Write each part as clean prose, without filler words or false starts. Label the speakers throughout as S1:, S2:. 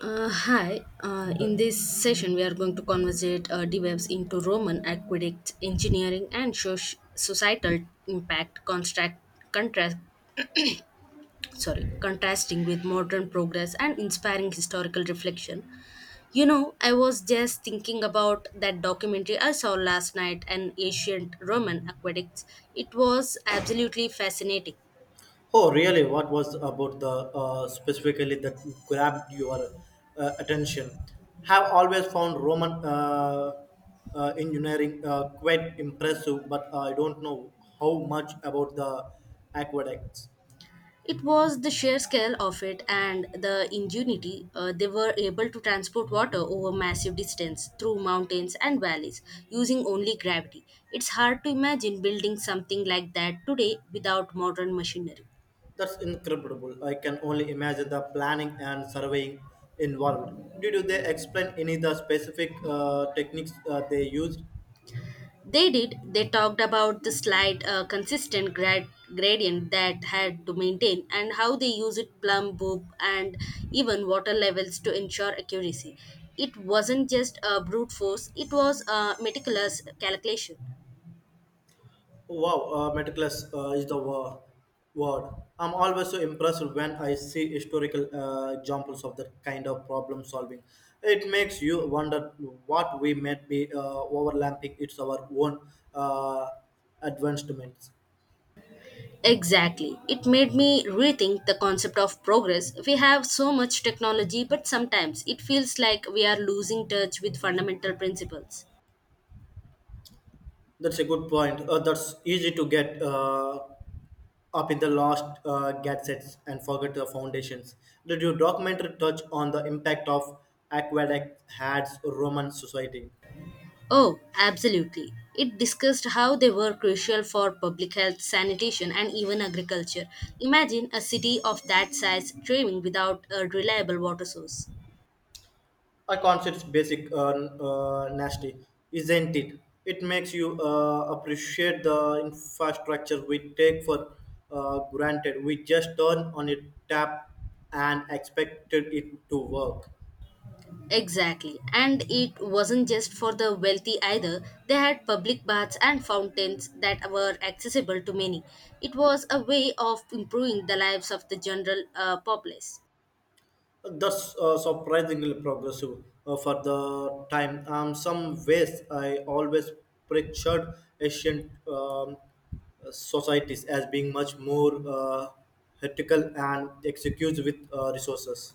S1: Hi. In this session, we are going to conversate DevOps into Roman aqueduct engineering and societal impact construct contrast. Sorry, contrasting with modern progress and inspiring historical reflection. You know, I was just thinking about that documentary I saw last night, an ancient Roman aqueducts. It was absolutely fascinating.
S2: Oh, really? What was about the specifically that grabbed your attention? Have always found Roman engineering quite impressive, but I don't know how much about the aqueducts.
S1: It was the sheer scale of it and the ingenuity. They were able to transport water over massive distance through mountains and valleys using only gravity. It's hard to imagine building something like that today without modern machinery.
S2: That's incredible. I can only imagine the planning and surveying involved. Did you they explain any of the specific techniques they used?
S1: They did. They talked about the slight gradient that had to maintain and how they use it plumb boop and even water levels to ensure accuracy. It wasn't just a brute force, it was a meticulous calculation.
S2: Wow, meticulous is the word. I'm always so impressed when I see historical examples of that kind of problem solving. It makes you wonder what we might be overlapping. It's our own uh, advancements.
S1: Exactly. It made me rethink the concept of progress. We have so much technology, but sometimes it feels like we are losing touch with fundamental principles.
S2: That's a good point. That's easy to get up in the last gadgets and forget the foundations. Did your documentary touch on the impact of aqueduct had Roman society?
S1: Oh, absolutely. It discussed how they were crucial for public health, sanitation, and even agriculture. Imagine a city of that size thriving without a reliable water source.
S2: I consider concept's basic nasty, isn't it? It makes you appreciate the infrastructure we take for granted. We just turn on a tap and expected it to work.
S1: Exactly. And it wasn't just for the wealthy either. They had public baths and fountains that were accessible to many. It was a way of improving the lives of the general populace.
S2: That's surprisingly progressive for the time. Some ways I always pictured ancient societies as being much more ethical and executes with resources.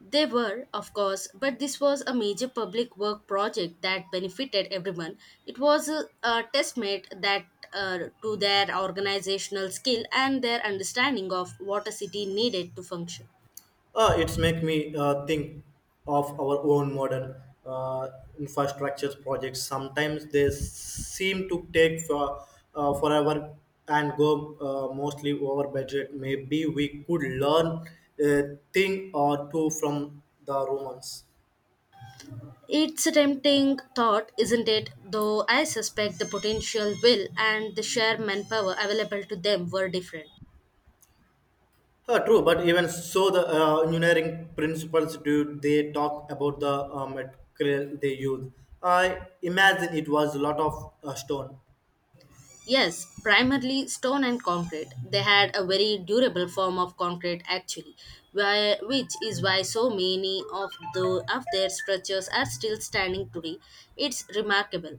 S1: They were, of course, but this was a major public work project that benefited everyone. It was a testament that to their organizational skill and their understanding of what a city needed to function.
S2: It's make me think of our own modern uh, infrastructure projects. Sometimes they seem to take for, forever and go mostly over budget. Maybe we could learn a thing or two from the Romans.
S1: It's a tempting thought, isn't it? Though I suspect the potential will and the sheer manpower available to them were different.
S2: True, but even so, the engineering principles do they talk about the material they use? I imagine it was a lot of stone.
S1: Yes, primarily stone and concrete. They had a very durable form of concrete actually, which is why so many of their structures are still standing today. It's remarkable.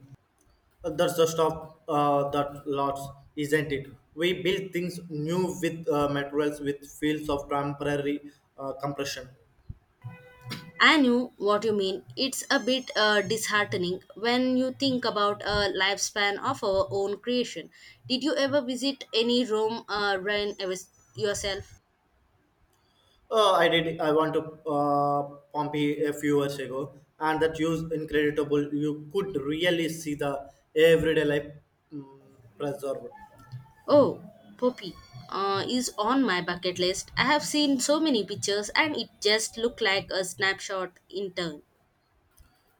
S2: That's the stuff that lots, isn't it? We build things new with materials with fields of temporary compression.
S1: I knew what you mean. It's a bit disheartening when you think about a lifespan of our own creation. Did you ever visit any yourself?
S2: I did. I want to uh, Pompey a few years ago, and that used incredible. You could really see the everyday life um, preserved.
S1: Oh, Poppy is on my bucket list. I have seen so many pictures and it just looked like a snapshot in turn.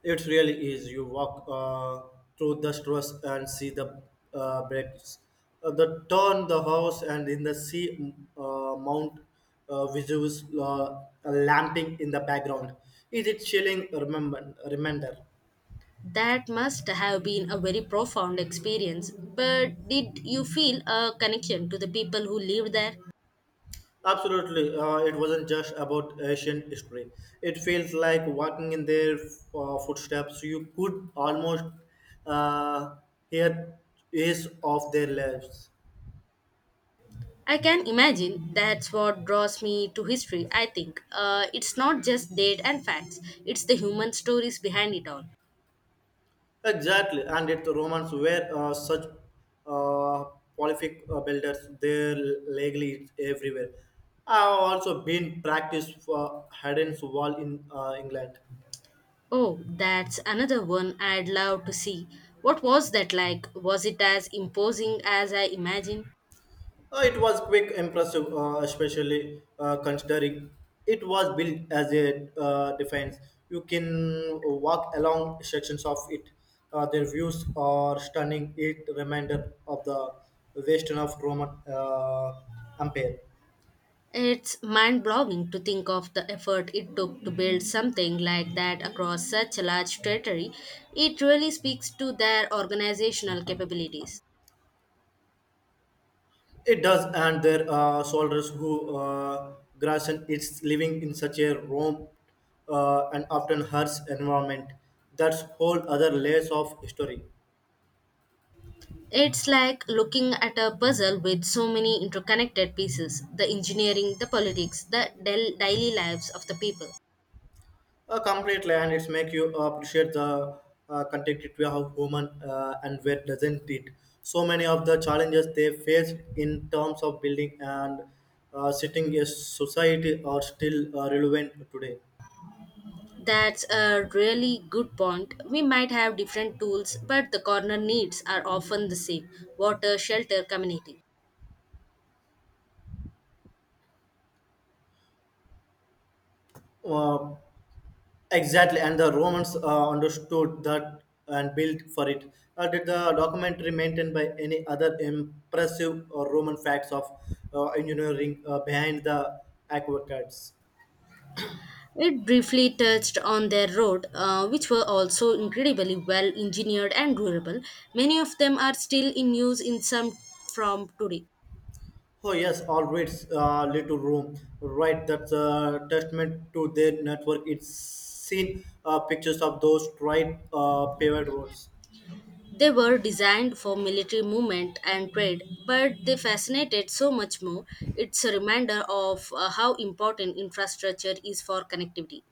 S2: It really is. You walk through the stores and see the breaks, the turn, the house, and in the sea Mount Vesuvius lamping in the background. Is it chilling? Remember, reminder.
S1: That must have been a very profound experience. But did you feel a connection to the people who lived there?
S2: Absolutely, it wasn't just about ancient history. It feels like walking in their footsteps. You could almost uh, hear ease of their lives.
S1: I can imagine that's what draws me to history, I think. It's not just date and facts, it's the human stories behind it all.
S2: Exactly, and it, the Romans were such uh, prolific builders; their legally is everywhere. I've also been practiced for Haddon's Wall in England.
S1: Oh, that's another one I'd love to see. What was that like? Was it as imposing as I imagined?
S2: It was quick, impressive, especially considering it was built as a defense. You can walk along sections of it. Their views are stunning. It reminder of the western of Roman Empire.
S1: It's mind blowing to think of the effort it took to build something like that across such a large territory. It really speaks to their organizational capabilities.
S2: It does, and there are soldiers who grasp its living in such a warm and often harsh environment. That's whole other layers of history.
S1: It's like looking at a puzzle with so many interconnected pieces the engineering, the politics, the daily lives of the people.
S2: A complete land, it's make you appreciate the complexity of human and where doesn't it? So many of the challenges they face in terms of building and setting a society are still relevant today.
S1: That's a really good point. We might have different tools, but the corner needs are often the same water, shelter, community.
S2: Uh, Exactly, and the Romans understood that and built for it. Did the documentary maintained by any other impressive Roman facts of engineering behind the aqueducts?
S1: It briefly touched on their road, which were also incredibly well engineered and durable. Many of them are still in use in some from today.
S2: Oh yes, all roads lead to Rome. Right, that's a testament to their network. It's seen pictures of those tried paved roads.
S1: They were designed for military movement and trade, but they fascinated so much more. It's a reminder of how important infrastructure is for connectivity.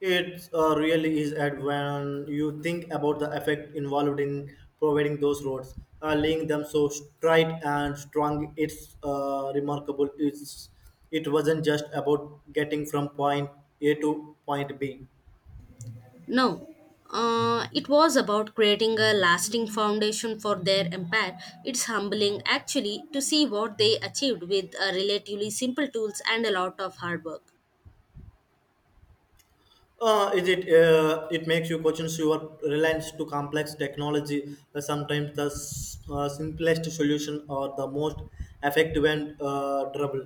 S2: It really is at when you think about the effect involved in providing those roads, laying them so straight and strong. It's remarkable. It wasn't just about getting from point A to point B.
S1: Now, it was about creating a lasting foundation for their empire. It's humbling, actually, to see what they achieved with relatively simple tools and a lot of hard work.
S2: Is it it makes you question your reliance to complex technology. Sometimes the simplest solution or the most effective and durable.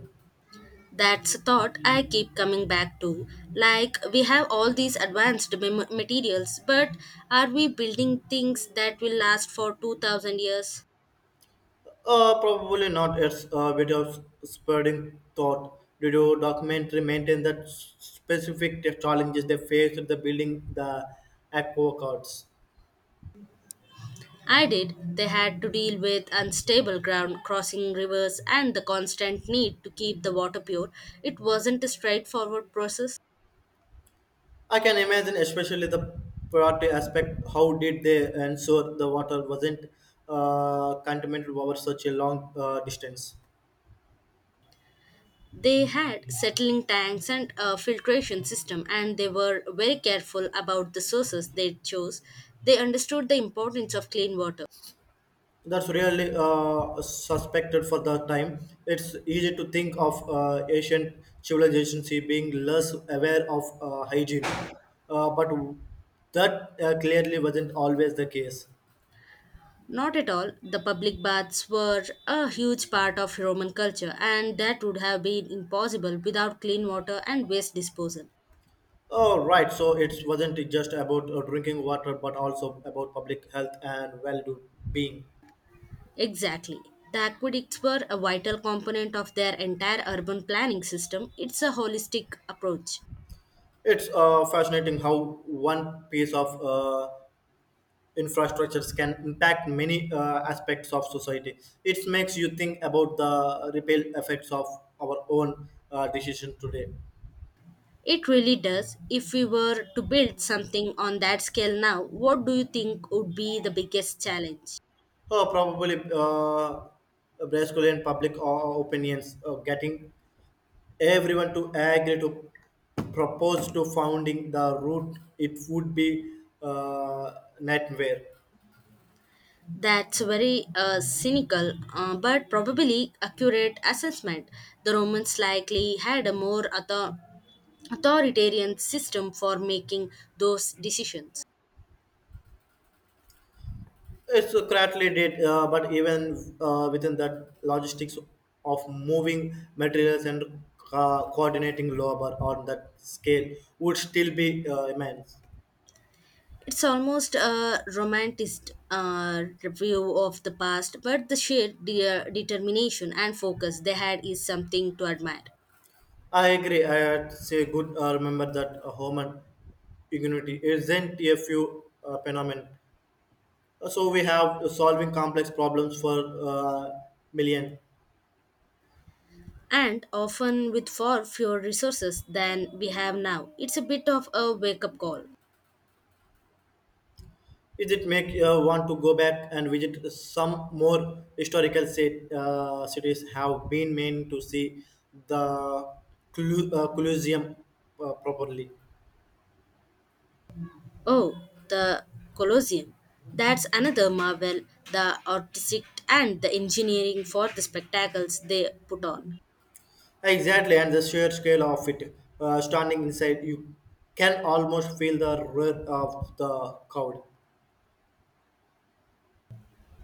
S1: That's a thought I keep coming back to. Like, we have all these advanced materials, but are we building things that will last for 2000 years?
S2: Probably not. It's a bit of spreading thought. Did your documentary maintain that specific tech challenges they faced the building the act
S1: I did. They had to deal with unstable ground, crossing rivers, and the constant need to keep the water pure. It wasn't a straightforward process.
S2: I can imagine, especially the priority aspect. How did they ensure the water wasn't contaminated over such a long distance?
S1: They had settling tanks and a filtration system, and they were very careful about the sources they chose. They understood the importance of clean water.
S2: That's really suspected for the time. It's easy to think of ancient civilizations being less aware of hygiene, but that clearly wasn't always the case.
S1: Not at all. The public baths were a huge part of Roman culture, and that would have been impossible without clean water and waste disposal.
S2: Oh, right. So it wasn't just about drinking water, but also about public health and well-being.
S1: Exactly. The aqueducts were a vital component of their entire urban planning system. It's a holistic approach.
S2: It's fascinating how one piece of infrastructures can impact many aspects of society. It makes you think about the ripple effects of our own decision today.
S1: It really does. If we were to build something on that scale now, what do you think would be the biggest challenge?
S2: So probably Brazilian public opinions getting everyone to agree to propose to founding the route. It would be nightmare.
S1: That's very cynical but probably accurate assessment. The Romans likely had a more authoritarian system for making those decisions.
S2: It's correctly did, but even within that logistics of moving materials and coordinating labor on that scale would still be immense.
S1: It's almost a romanticized review of the past, but the sheer determination and focus they had is something to admire.
S2: I agree. I had to say good. Remember that human ingenuity isn't a few phenomenon. So we have solving complex problems for uh, millions.
S1: And often with far fewer resources than we have now, it's a bit of a wake up call.
S2: Is it make want to go back and visit some more historical sit, cities? Have been meant to see the Colosseum properly.
S1: Oh, the Colosseum. That's another marvel, the artistic and the engineering for the spectacles they put on.
S2: Exactly, and the sheer scale of it, standing inside, you can almost feel the roar of the crowd.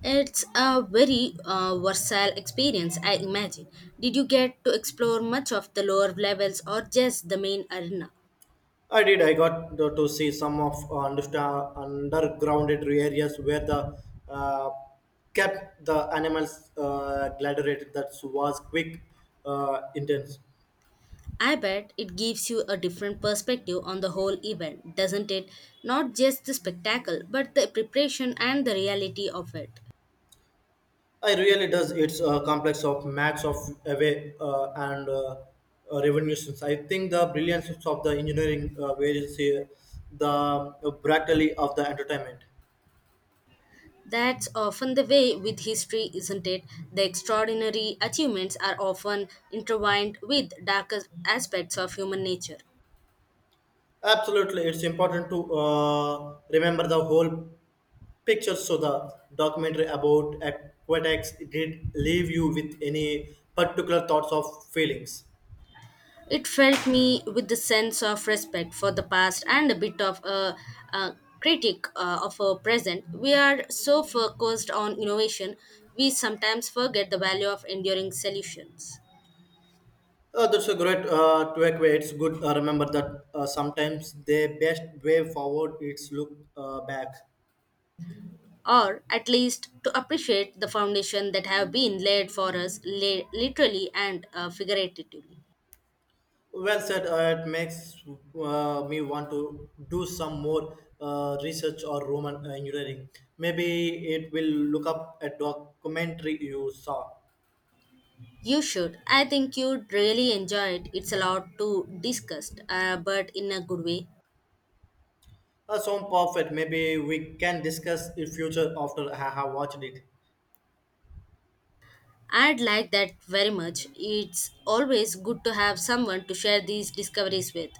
S1: It's a very versatile experience, I imagine. Did you get to explore much of the lower levels or just the main arena?
S2: I did. I got to see some of undergrounded areas where the uh, kept the animals gladiated. That was quick, intense.
S1: I bet it gives you a different perspective on the whole event, doesn't it? Not just the spectacle, but the preparation and the reality of it.
S2: I really does. It's a complex of max of away and revolutions. I think the brilliance of the engineering various here, the brutally of the entertainment.
S1: That's often the way with history, isn't it? The extraordinary achievements are often intertwined with darker aspects of human nature.
S2: Absolutely, it's important to remember the whole pictures. So the documentary about aquatics did leave you with any particular thoughts or feelings.
S1: It felt me with the sense of respect for the past and a bit of a critic of our present. We are so focused on innovation, we sometimes forget the value of enduring solutions.
S2: That's a great takeaway. It's good remember that sometimes the best way forward is look back.
S1: Or at least to appreciate the foundation that have been laid for us, literally and figuratively.
S2: Well said. It makes me want to do some more research or Roman engineering. Maybe it will look up a documentary you saw.
S1: You should. I think you'd really enjoy it. It's a lot to discuss, but in a good way.
S2: Sound perfect. Maybe we can discuss it future after I have watched it.
S1: I'd like that very much. It's always good to have someone to share these discoveries with.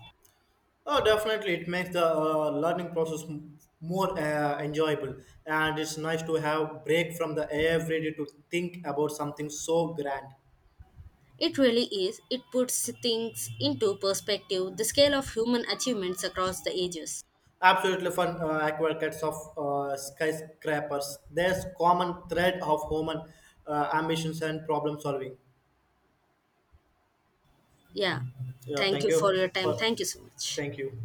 S2: Oh, definitely, it makes the learning process more enjoyable, and it's nice to have break from the everyday to think about something so grand.
S1: It really is. It puts things into perspective, the scale of human achievements across the ages.
S2: Absolutely fun aquarkets of skyscrapers. There's common thread of human ambitions and problem solving.
S1: Yeah.
S2: Yeah,
S1: Thank
S2: thank
S1: you for
S2: you
S1: your time.
S2: for
S1: Thank you so much.
S2: thank you.